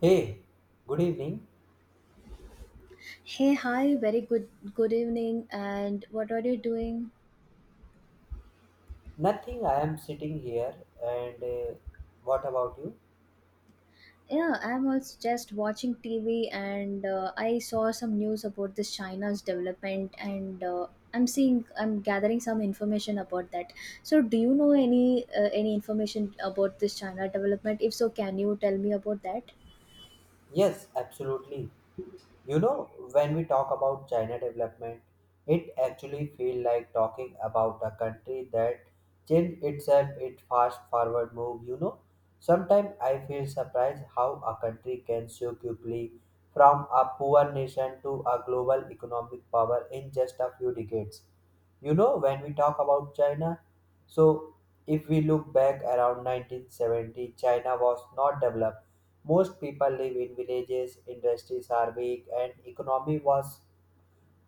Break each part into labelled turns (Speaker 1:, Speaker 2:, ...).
Speaker 1: Hey, good evening.
Speaker 2: Hey, hi, very good evening. And what are you doing?
Speaker 1: Nothing, I am sitting here and what about you?
Speaker 2: Yeah, I'm also just watching TV and I saw some news about this China's development and I'm gathering some information about that. So, do you know any information about this China development? If so, can you tell me about that?
Speaker 1: Yes, absolutely. You know, when we talk about China development, it actually feels like talking about a country that changed itself its fast forward move. Sometimes I feel surprised how a country can so quickly from a poor nation to a global economic power in just a few decades. You know, when we talk about China, so if we look back around 1970, China was not developed most people live in villages, industries are weak, and economy was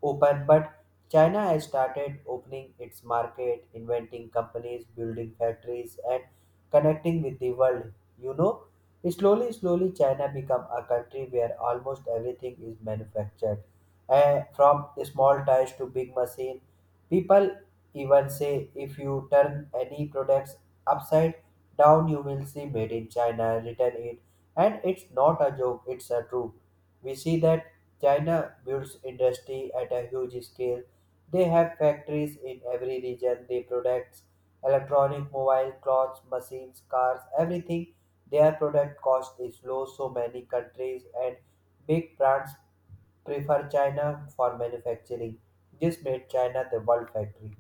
Speaker 1: open, but China has started opening its market, inventing companies, building factories, and connecting with the world. You know, slowly, slowly, China become a country where almost everything is manufactured, eh, from small tires to big machine. People even say if you turn any products upside down, you will see made in China written it, and it's not a joke; it's a truth. We see that China builds industry at a huge scale. They have factories in every region. They products, electronic, mobile, clothes, machines, cars, everything. Their product cost is low. So many countries and big brands prefer China for manufacturing. This made China the world factory.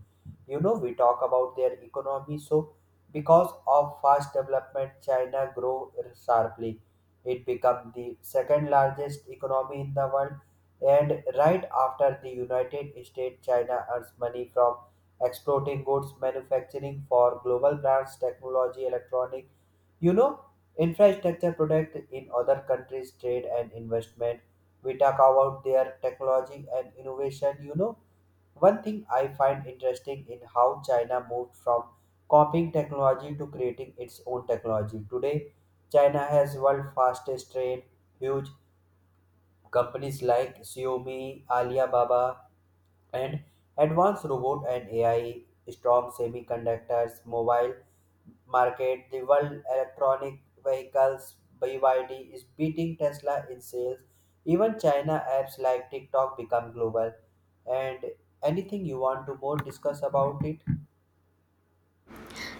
Speaker 1: You know, we talk about their economy. So, because of fast development, China grow sharply. It became the second largest economy in the world, and right after the United States, China earns money from exporting goods manufacturing for global brands, technology, electronic, you know, infrastructure product in other countries, trade and investment. We talk about their technology and innovation, you know one thing I find interesting in how China moved from copying technology to creating its own technology. Today, China has world fastest train, huge companies like Xiaomi, Alibaba, and advanced robot and AI, strong semiconductors, mobile market, the world electronic vehicles BYD is beating Tesla in sales. Even China apps like TikTok become global. And anything you want to more discuss about it?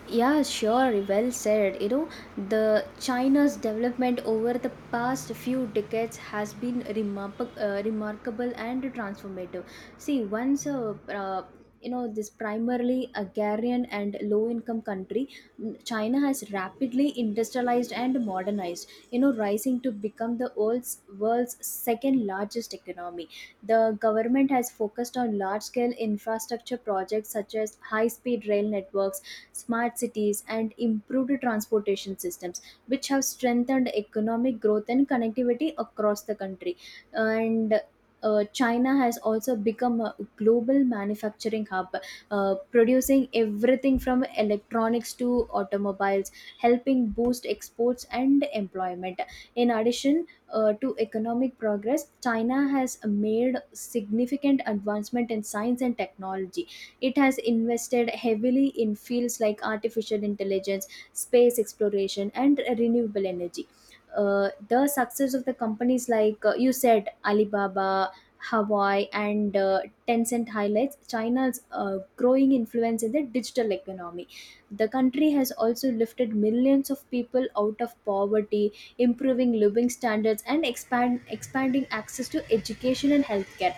Speaker 2: Yeah, sure, well said. You know, the China's development over the past few decades has been remarkable and transformative. See, once a you know this primarily agrarian and low income country China has rapidly industrialized and modernized, you know, rising to become the world's second largest economy. The government has focused on large scale infrastructure projects such as high speed rail networks, smart cities, and improved transportation systems, which have strengthened economic growth and connectivity across the country. And China has also become a global manufacturing hub, producing everything from electronics to automobiles, helping boost exports and employment. In addition to economic progress, China has made significant advancement in science and technology. It has invested heavily in fields like artificial intelligence, space exploration, and renewable energy. The success of the companies like you said, Alibaba, Hawaii, and Tencent highlights China's growing influence in the digital economy. The country has also lifted millions of people out of poverty, improving living standards, and expanding access to education and healthcare.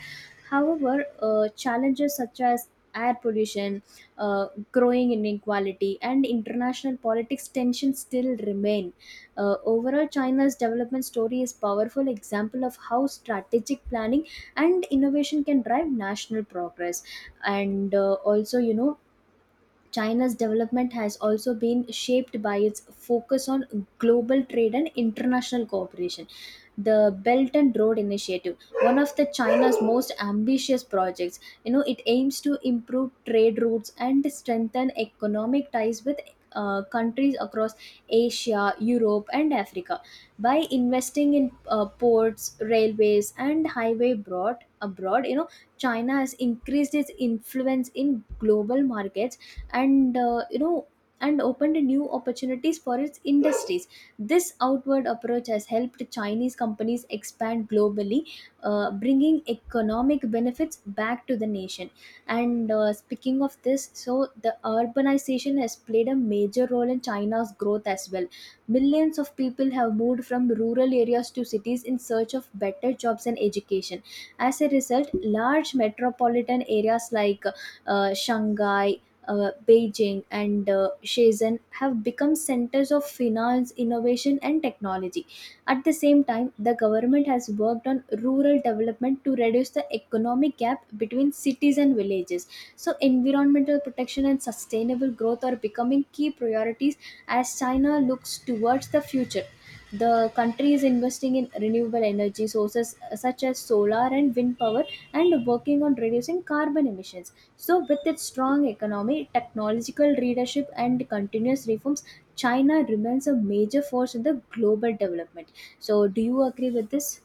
Speaker 2: However, challenges such as air pollution, growing inequality, and international politics tensions still remain. Overall, China's development story is powerful example of how strategic planning and innovation can drive national progress. And also, you know, China's development has also been shaped by its focus on global trade and international cooperation. The Belt and Road Initiative, one of the China's most ambitious projects, you know, it aims to improve trade routes and strengthen economic ties with countries across Asia, Europe, and Africa. By investing in ports, railways, and highway broad abroad, you know, China has increased its influence in global markets and and opened new opportunities for its industries. This outward approach has helped Chinese companies expand globally, bringing economic benefits back to the nation. And speaking of this, so the urbanization has played a major role in China's growth as well. Millions of people have moved from rural areas to cities in search of better jobs and education. As a result, large metropolitan areas like Shanghai, Beijing, and Shenzhen have become centers of finance, innovation, and technology. At the same time, the government has worked on rural development to reduce the economic gap between cities and villages. So, environmental protection and sustainable growth are becoming key priorities as China looks towards the future. The country is investing in renewable energy sources, such as solar and wind power, and working on reducing carbon emissions. So, with its strong economy, technological leadership, and continuous reforms, China remains a major force in the global development. So, do you agree with this?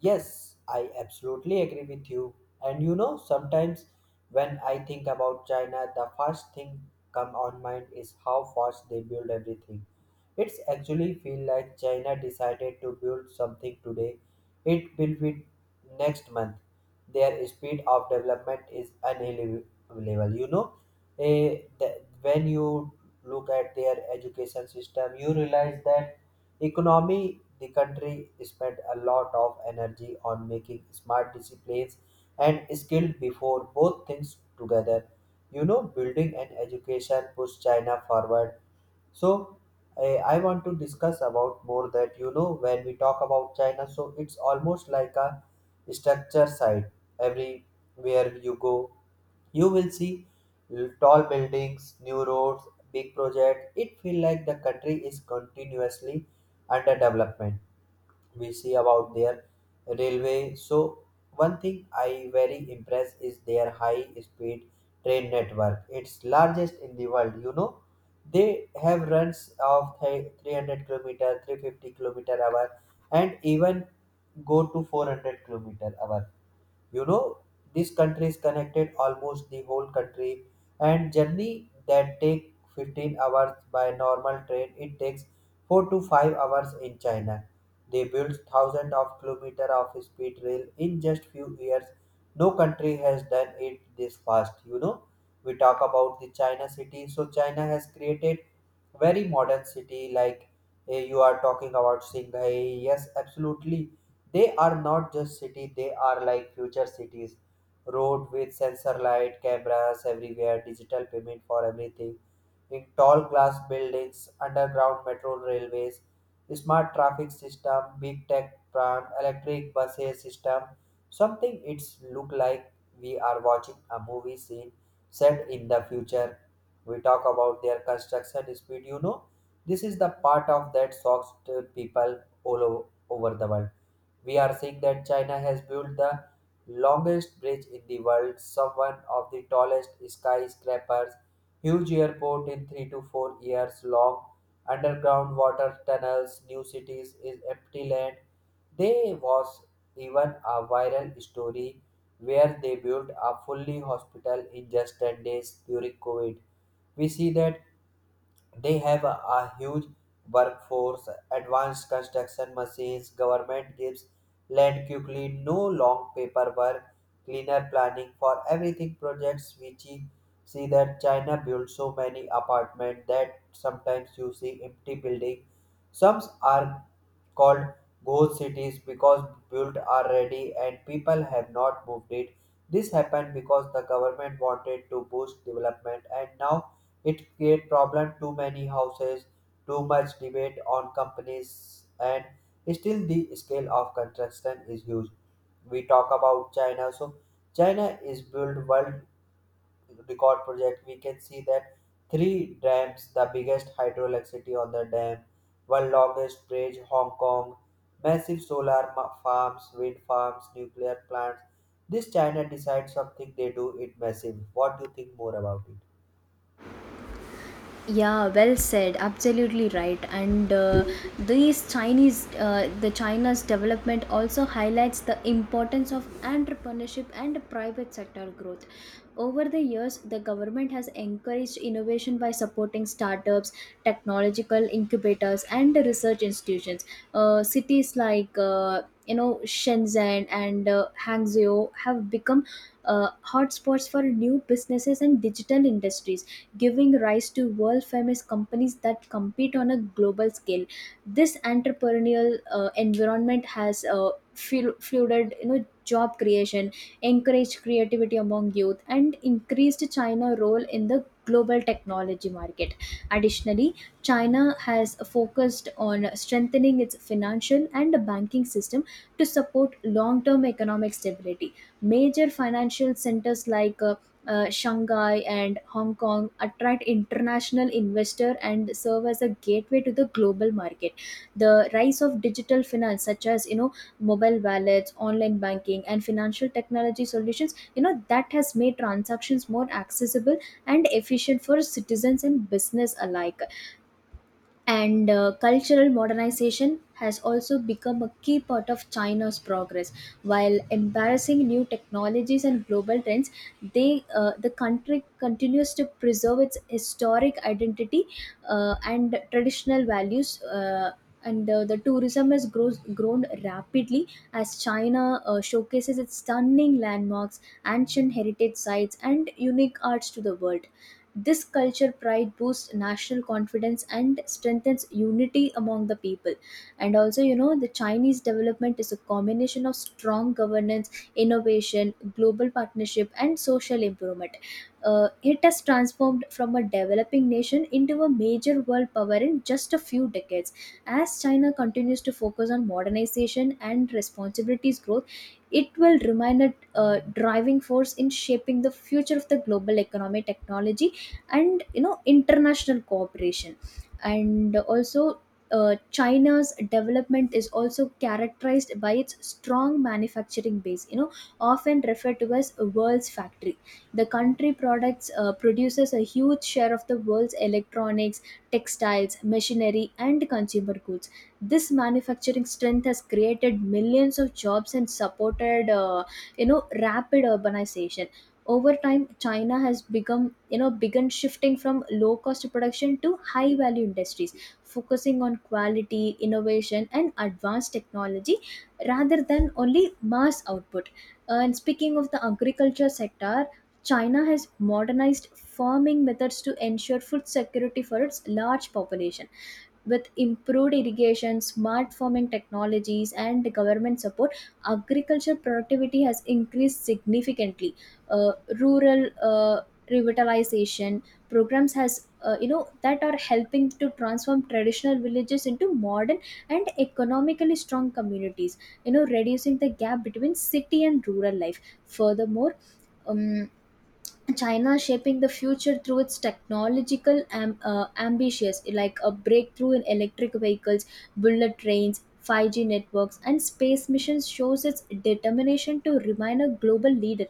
Speaker 1: Yes, I absolutely agree with you. And you know, sometimes when I think about China, the first thing come on mind is how fast they build everything. It's actually feel like China decided to build something today, it will be next month. Their speed of development is unbelievable. You know, when you look at their education system, you realize that economy the country spent a lot of energy on making smart disciplines and skilled before both things together you know building and education push china forward so I want to discuss about more that you know when we talk about China, so it's almost like a structure site. Everywhere you go, you will see tall buildings, new roads, big projects. It feels like the country is continuously under development we see about their railway. So one thing I very impressed is their high speed train network. It's largest in the world. You know, they have runs of 300 km kilometer, 350 km kilometer hour, and even go to 400 km kilometer hour you know this country is connected almost the whole country and journey that take 15 hours by normal train it takes 4 to 5 hours in china they built thousands of kilometers of speed rail in just few years. No country has done it this fast. You know, we talk about the China city. So China has created very modern city like eh, you are talking about Shanghai. Yes, absolutely. They are not just city. They are like future cities. Road with sensor light, cameras everywhere, digital payment for everything in tall glass buildings, underground metro railways, smart traffic system, big tech brand, electric buses system, something it's look like we are watching a movie scene set in the future. We talk about their construction speed, you know. This is the part of that shocks to people all over the world. We are seeing that China has built the longest bridge in the world, some one of the tallest skyscrapers, huge airport in 3 to 4 years long, underground water tunnels, new cities is empty land. There was even a viral story where they built a fully hospital in just 10 days during COVID. We see that they have a huge workforce, advanced construction machines, government gives land quickly, no long paperwork, cleaner planning for everything projects which you see that China builds so many apartments that sometimes you see empty building. Some are called ghost cities because built are ready and people have not moved it. This happened because the government wanted to boost development and now it create problem too many houses, too much debate on companies, and still the scale of construction is huge. We talk about China, so China is build world record project. We can see that three dams, the biggest hydroelectricity on the dam, one longest bridge, Hong Kong, massive farms, wind farms, nuclear plants. This China decides something they do it massive. What do you think more about it?
Speaker 2: Yeah, well said. Absolutely right. The China's development also highlights the importance of entrepreneurship and private sector growth. Over the years, the government has encouraged innovation by supporting startups, technological incubators, and research institutions. Cities like Shenzhen and Hangzhou have become hotspots for new businesses and digital industries, giving rise to world famous companies that compete on a global scale. This entrepreneurial environment has flooded, you know, job creation, encouraged creativity among youth, and increased China role in the global technology market. Additionally, China has focused on strengthening its financial and banking system to support long-term economic stability. Major financial centers like Shanghai and Hong Kong attract international investor and serve as a gateway to the global market. The rise of digital finance, such as, you know, mobile wallets, online banking, and financial technology solutions, you know, that has made transactions more accessible and efficient for citizens and business alike. And cultural modernization has also become a key part of China's progress. While embarrassing new technologies and global trends, the country continues to preserve its historic identity and traditional values. And the tourism has grown rapidly as China showcases its stunning landmarks, ancient heritage sites, and unique arts to the world. This culture pride boosts national confidence and strengthens unity among the people. And also, you know, the Chinese development is a combination of strong governance, innovation, global partnership, and social improvement. It has transformed from a developing nation into a major world power in just a few decades. As China continues to focus on modernization and responsibilities growth, it will remain a driving force in shaping the future of the global economy, technology, and, you know, international cooperation. And also China's development is also characterized by its strong manufacturing base, you know, often referred to as a world's factory. The country products produces a huge share of the world's electronics, textiles, machinery, and consumer goods. This manufacturing strength has created millions of jobs and supported, you know, rapid urbanization. Over time, China has become, you know, begun shifting from low cost production to high value industries, focusing on quality innovation and advanced technology rather than only mass output. And speaking of the agriculture sector, China has modernized farming methods to ensure food security for its large population. With improved irrigation, smart farming technologies, and government support, agricultural productivity has increased significantly. uh, Rural revitalization programs has, you know, that are helping to transform traditional villages into modern and economically strong communities, you know, reducing the gap between city and rural life. Furthermore, um, China is shaping the future through its technological ambitions, like a breakthrough in electric vehicles, bullet trains, 5G networks, and space missions shows its determination to remain a global leader.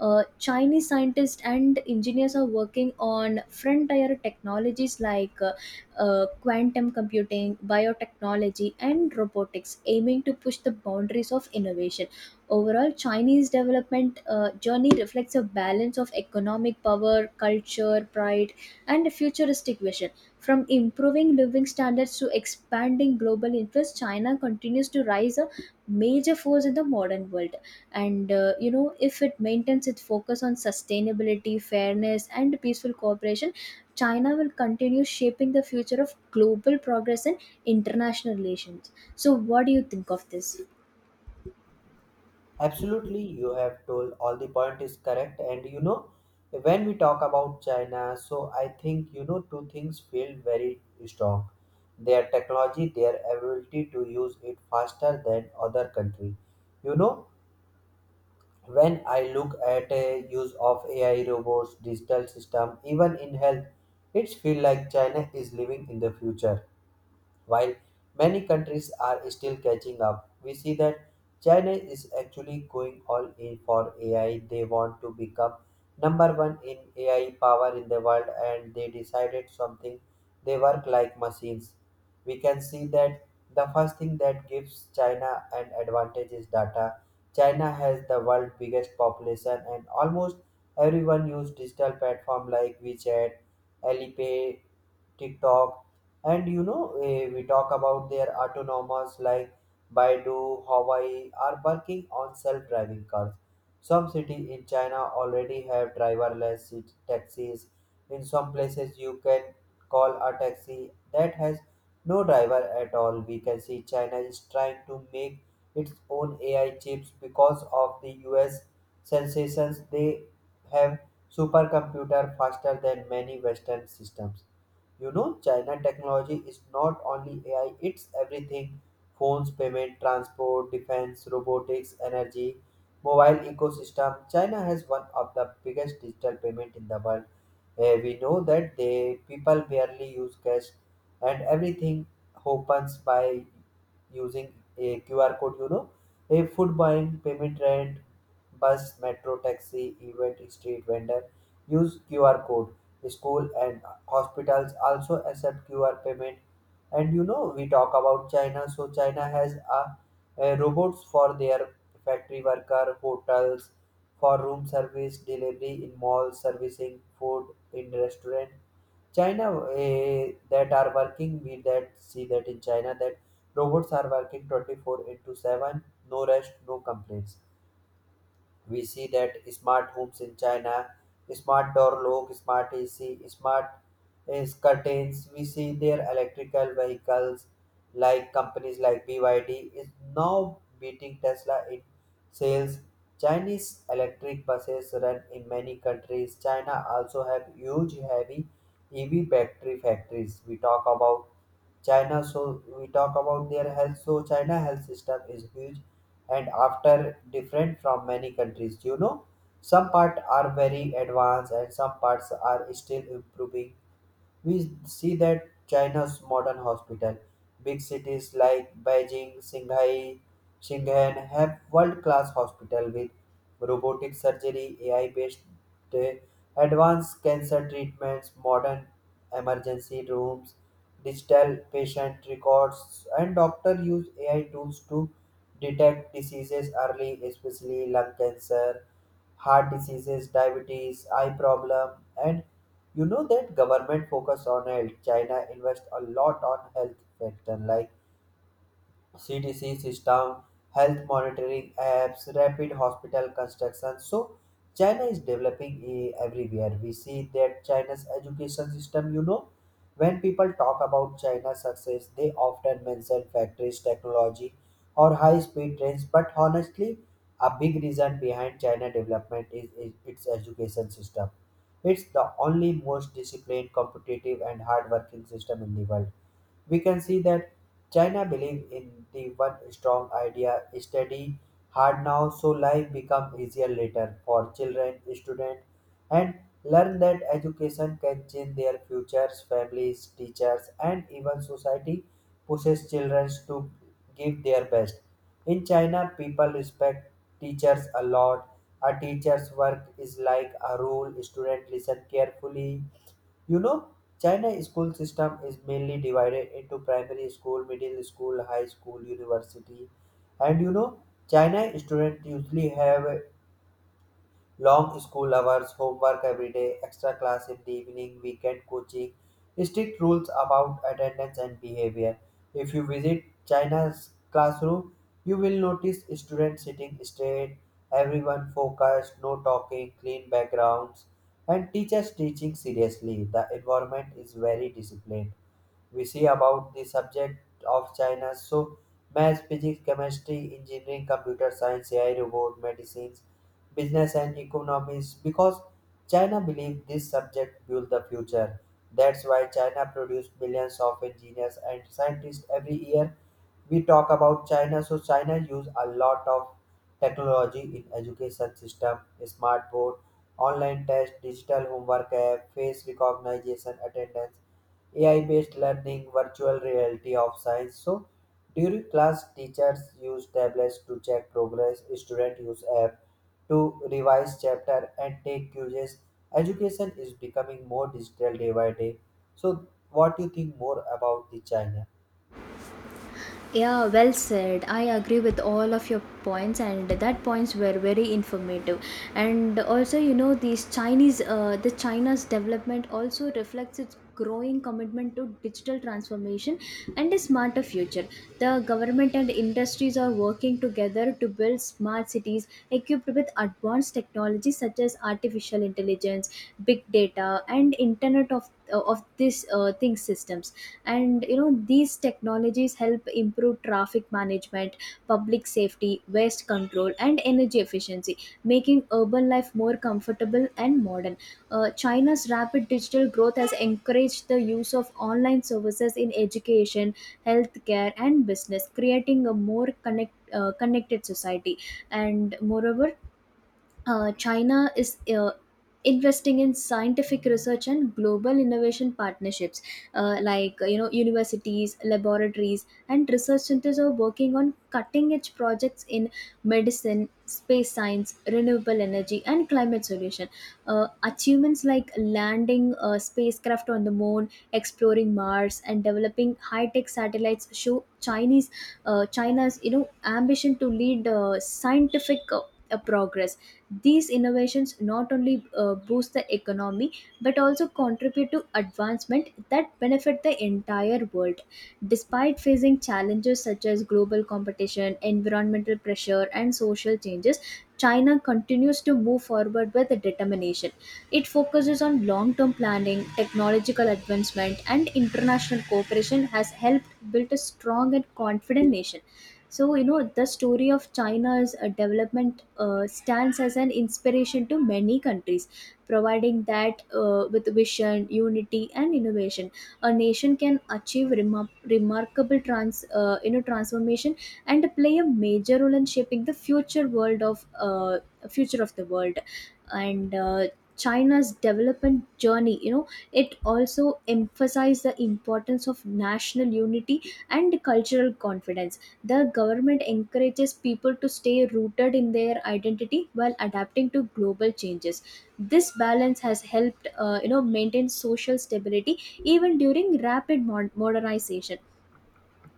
Speaker 2: Chinese scientists and engineers are working on frontier technologies like quantum computing, biotechnology, and robotics, aiming to push the boundaries of innovation. Overall, Chinese development journey reflects a balance of economic power, culture, pride, and a futuristic vision. From improving living standards to expanding global influence, China continues to rise a major force in the modern world. And you know, if it maintains its focus on sustainability, fairness, and peaceful cooperation, China will continue shaping the future of global progress and international relations. So, what do you think of this?
Speaker 1: Absolutely, you have told all the point is correct. And you know, when we talk about China, so I think you know two things feel very strong. Their technology, their ability to use it faster than other country. You know, when I look at a use of AI robots, digital system, even in health, it's feel like China is living in the future. While many countries are still catching up, we see that China is actually going all in for AI. They want to become number one in AI power in the world and they decided something they work like machines. We can see that the first thing that gives China an advantage is data. China has the world's biggest population and almost everyone use digital platform like WeChat, Alipay, TikTok and you know, eh, we talk about their autonomous like Baidu, Hawaii are working on self-driving cars. Some cities in China already have driverless taxis. In some places, you can call a taxi that has no driver at all. We can see China is trying to make its own AI chips because of the US sensations. They have supercomputer faster than many Western systems you know, China technology is not only AI, it's everything phones, payment, transport, defense, robotics, energy, mobile ecosystem. China has one of the biggest digital payment in the world. Eh, we know that they people barely use cash and everything happens by using a QR code, you know, a food buying, payment rent, bus, metro, taxi, event, street vendor use QR code. The school and hospitals also accept QR payment. And you know, we talk about China, so China has a robots for their factory worker, hotels, for room service, delivery in malls, servicing food in restaurant. China eh, that are working, we that see that in China that robots are working 24 into 7, no rest, no complaints. We see that smart homes in China, smart door lock, smart AC, smart is curtains. We see their electrical vehicles like companies like BYD is now beating Tesla in sales. Chinese electric buses run in many countries. China also have huge heavy EV battery factories. We talk about China, so we talk about their health. So China health system is huge and after different from many countries. You know, some parts are very advanced and some parts are still improving. We see that China's modern hospital, big cities like Beijing, Shanghai, Shenzhen have world-class hospital with robotic surgery, AI-based uh, advanced cancer treatments, modern emergency rooms, digital patient records, and doctors use AI tools to detect diseases early, especially lung cancer, heart diseases, diabetes, eye problem, and you know that government focus on health. China invest a lot on health sector like CDC system, health monitoring apps, rapid hospital construction. So China is developing eh, everywhere. We see that China's education system, you know, when people talk about China's success, they often mention factories, technology, or high-speed trains. But honestly, a big reason behind China development is its education system. It's the only most disciplined, competitive, and hardworking system in the world we can see that China believe in the one strong idea study hard now so life become easier later for children, students and learn that education can change their futures, families, teachers and even society pushes children to give their best. In China people respect teachers a lot. A teacher's work is like a rule, student listen carefully you know, China school system is mainly divided into primary school, middle school, high school, university, and you know, China students usually have long school hours, homework every day, extra class in the evening, weekend coaching, strict rules about attendance and behavior. If you visit China's classroom, you will notice students sitting straight, everyone focused, no talking, clean backgrounds, and teachers teaching seriously. The environment is very disciplined we see about the subject of China. So, math, physics, chemistry, engineering, computer science, AI, robot, medicines, business and economies because China believes this subject build the future. That's why China produces billions of engineers and scientists every year. We talk about China, so China use a lot of technology in education system, smart board, online test, digital homework app, face recognition, attendance, AI-based learning, virtual reality of science. So during class, teachers use tablets to check progress. Students use app to revise chapter and take quizzes. Education is becoming more digital day by day. So, what do you think more about the China?
Speaker 2: Yeah, well said. I agree with all of your points, and that points were very informative. And also, you know, the China's development also reflects its growing commitment to digital transformation and a smarter future. The government and industries are working together to build smart cities equipped with advanced technologies such as artificial intelligence, big data, and Internet of this things systems. And you know these technologies help improve traffic management, public safety, waste control, and energy efficiency, making urban life more comfortable and modern. China's rapid digital growth has encouraged the use of online services in education, healthcare, and business, creating a more connected society. And moreover, China is investing in scientific research and global innovation partnerships, like, you know, universities, laboratories, and research centers are working on cutting edge projects in medicine, space science, renewable energy, and climate solution. Achievements like landing a spacecraft on the moon, exploring Mars, and developing high tech satellites show chinese China's, you know, ambition to lead scientific progress. These innovations not only boost the economy but also contribute to advancement that benefit the entire world. Despite facing challenges such as global competition, environmental pressure, and social changes, China continues to move forward with determination. It focuses on long term planning, technological advancement, and international cooperation has helped build a strong and confident nation. So, you know, the story of China's development stands as an inspiration to many countries, providing that, with vision, unity, and innovation, a nation can achieve remar- remarkable trans, you know, transformation and play a major role in shaping the future of the world. And China's development journey, you know, it also emphasized the importance of national unity and cultural confidence. The government encourages people to stay rooted in their identity while adapting to global changes. This balance has helped, you know, maintain social stability even during rapid modernization.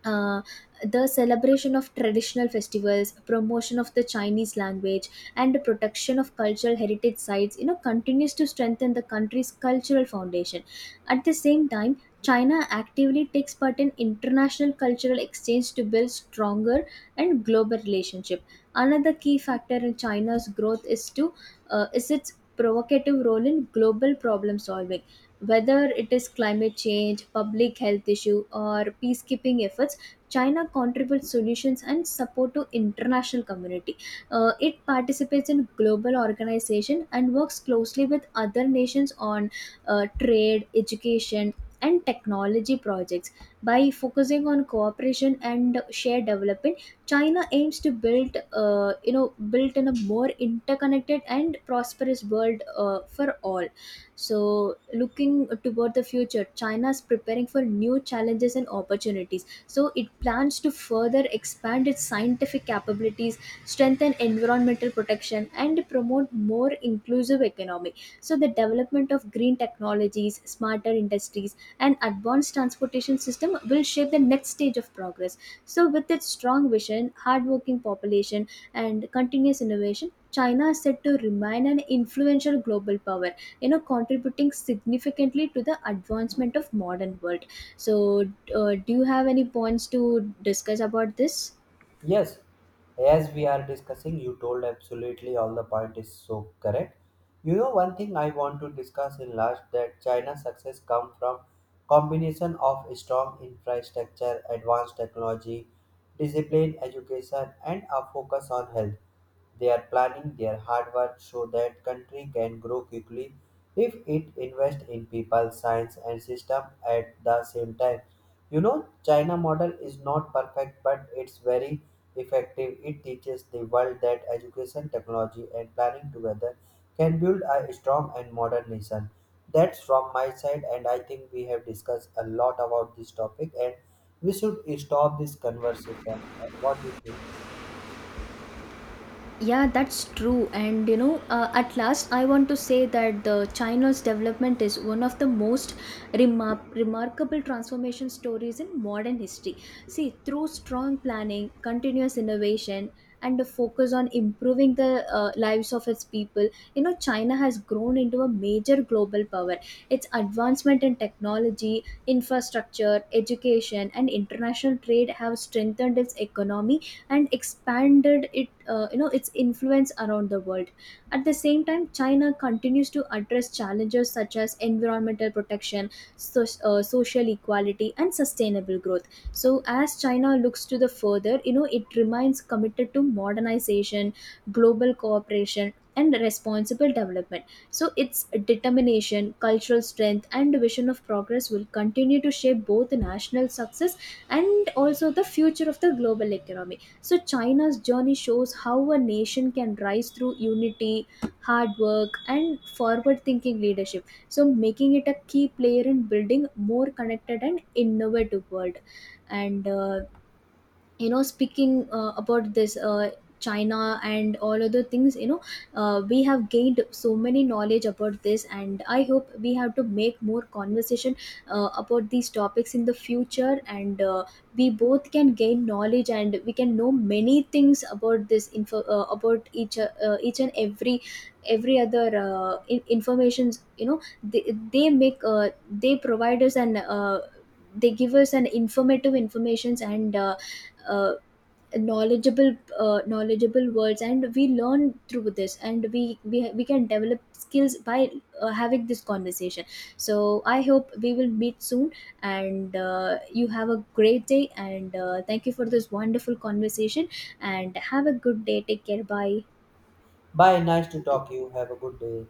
Speaker 2: uh, the celebration of traditional festivals, promotion of the Chinese language, and the protection of cultural heritage sites, you know, continues to strengthen the country's cultural foundation. At the same time, China actively takes part in international cultural exchange to build stronger and global relationship. Another key factor in China's growth is its provocative role in global problem solving, whether it is climate change, public health issue, or peacekeeping efforts. China contributes solutions and support to international community. It participates in global organization and works closely with other nations on trade, education, and technology projects. By focusing on cooperation and shared development, China aims to build, you know, built in a more interconnected and prosperous world for all. So, looking toward the future, China is preparing for new challenges and opportunities. So it plans to further expand its scientific capabilities, strengthen environmental protection, and promote more inclusive economy. So the development of green technologies, smarter industries, and advanced transportation system will shape the next stage of progress. So with its strong vision, hardworking population, and continuous innovation, China is said to remain an influential global power, you know, contributing significantly to the advancement of modern world. So, do you have any points to discuss about this?
Speaker 1: Yes, as we are discussing, you told absolutely all the point is so correct. You know, one thing I want to discuss in last that China's success come from combination of strong infrastructure, advanced technology, disciplined education, and a focus on health. They are planning their hard work so that country can grow quickly if it invests in people, science, and system at the same time. You know, China model is not perfect, but it's very effective, it teaches the world that education, technology, and planning together can build a strong and modern nation. That's from my side, and I think we have discussed a lot about this topic, and we should stop this conversation. What do you think?
Speaker 2: Yeah, that's true. And you know, at last, I want to say that the China's development is one of the most remarkable transformation stories in modern history. See, through strong planning, continuous innovation, and a focus on improving the lives of its people, you know, China has grown into a major global power. Its advancement in technology, infrastructure, education, and international trade have strengthened its economy and expanded it you know, its influence around the world. At the same time, China continues to address challenges such as environmental protection, so, social equality and sustainable growth. So as China looks to the further, you know, it remains committed to modernization, global cooperation, and responsible development. So its determination, cultural strength, and vision of progress will continue to shape both the national success and also the future of the global economy. So, China's journey shows how a nation can rise through unity, hard work, and forward thinking leadership. So, making it a key player in building more connected and innovative world. And you know, speaking about this China and all other things, you know, we have gained so many knowledge about this, and I hope we have to make more conversation about these topics in the future. And We both can gain knowledge and we can know many things about this info about each and every informations, you know, they make they provide us an, they give us an informative informations, and uh, knowledgeable, knowledgeable words, and we learn through this, and we can develop skills by having this conversation. So I hope we will meet soon. And You have a great day, and thank you for this wonderful conversation and have a good day. Take care, bye.
Speaker 1: Bye, nice to talk to you. Have a good day.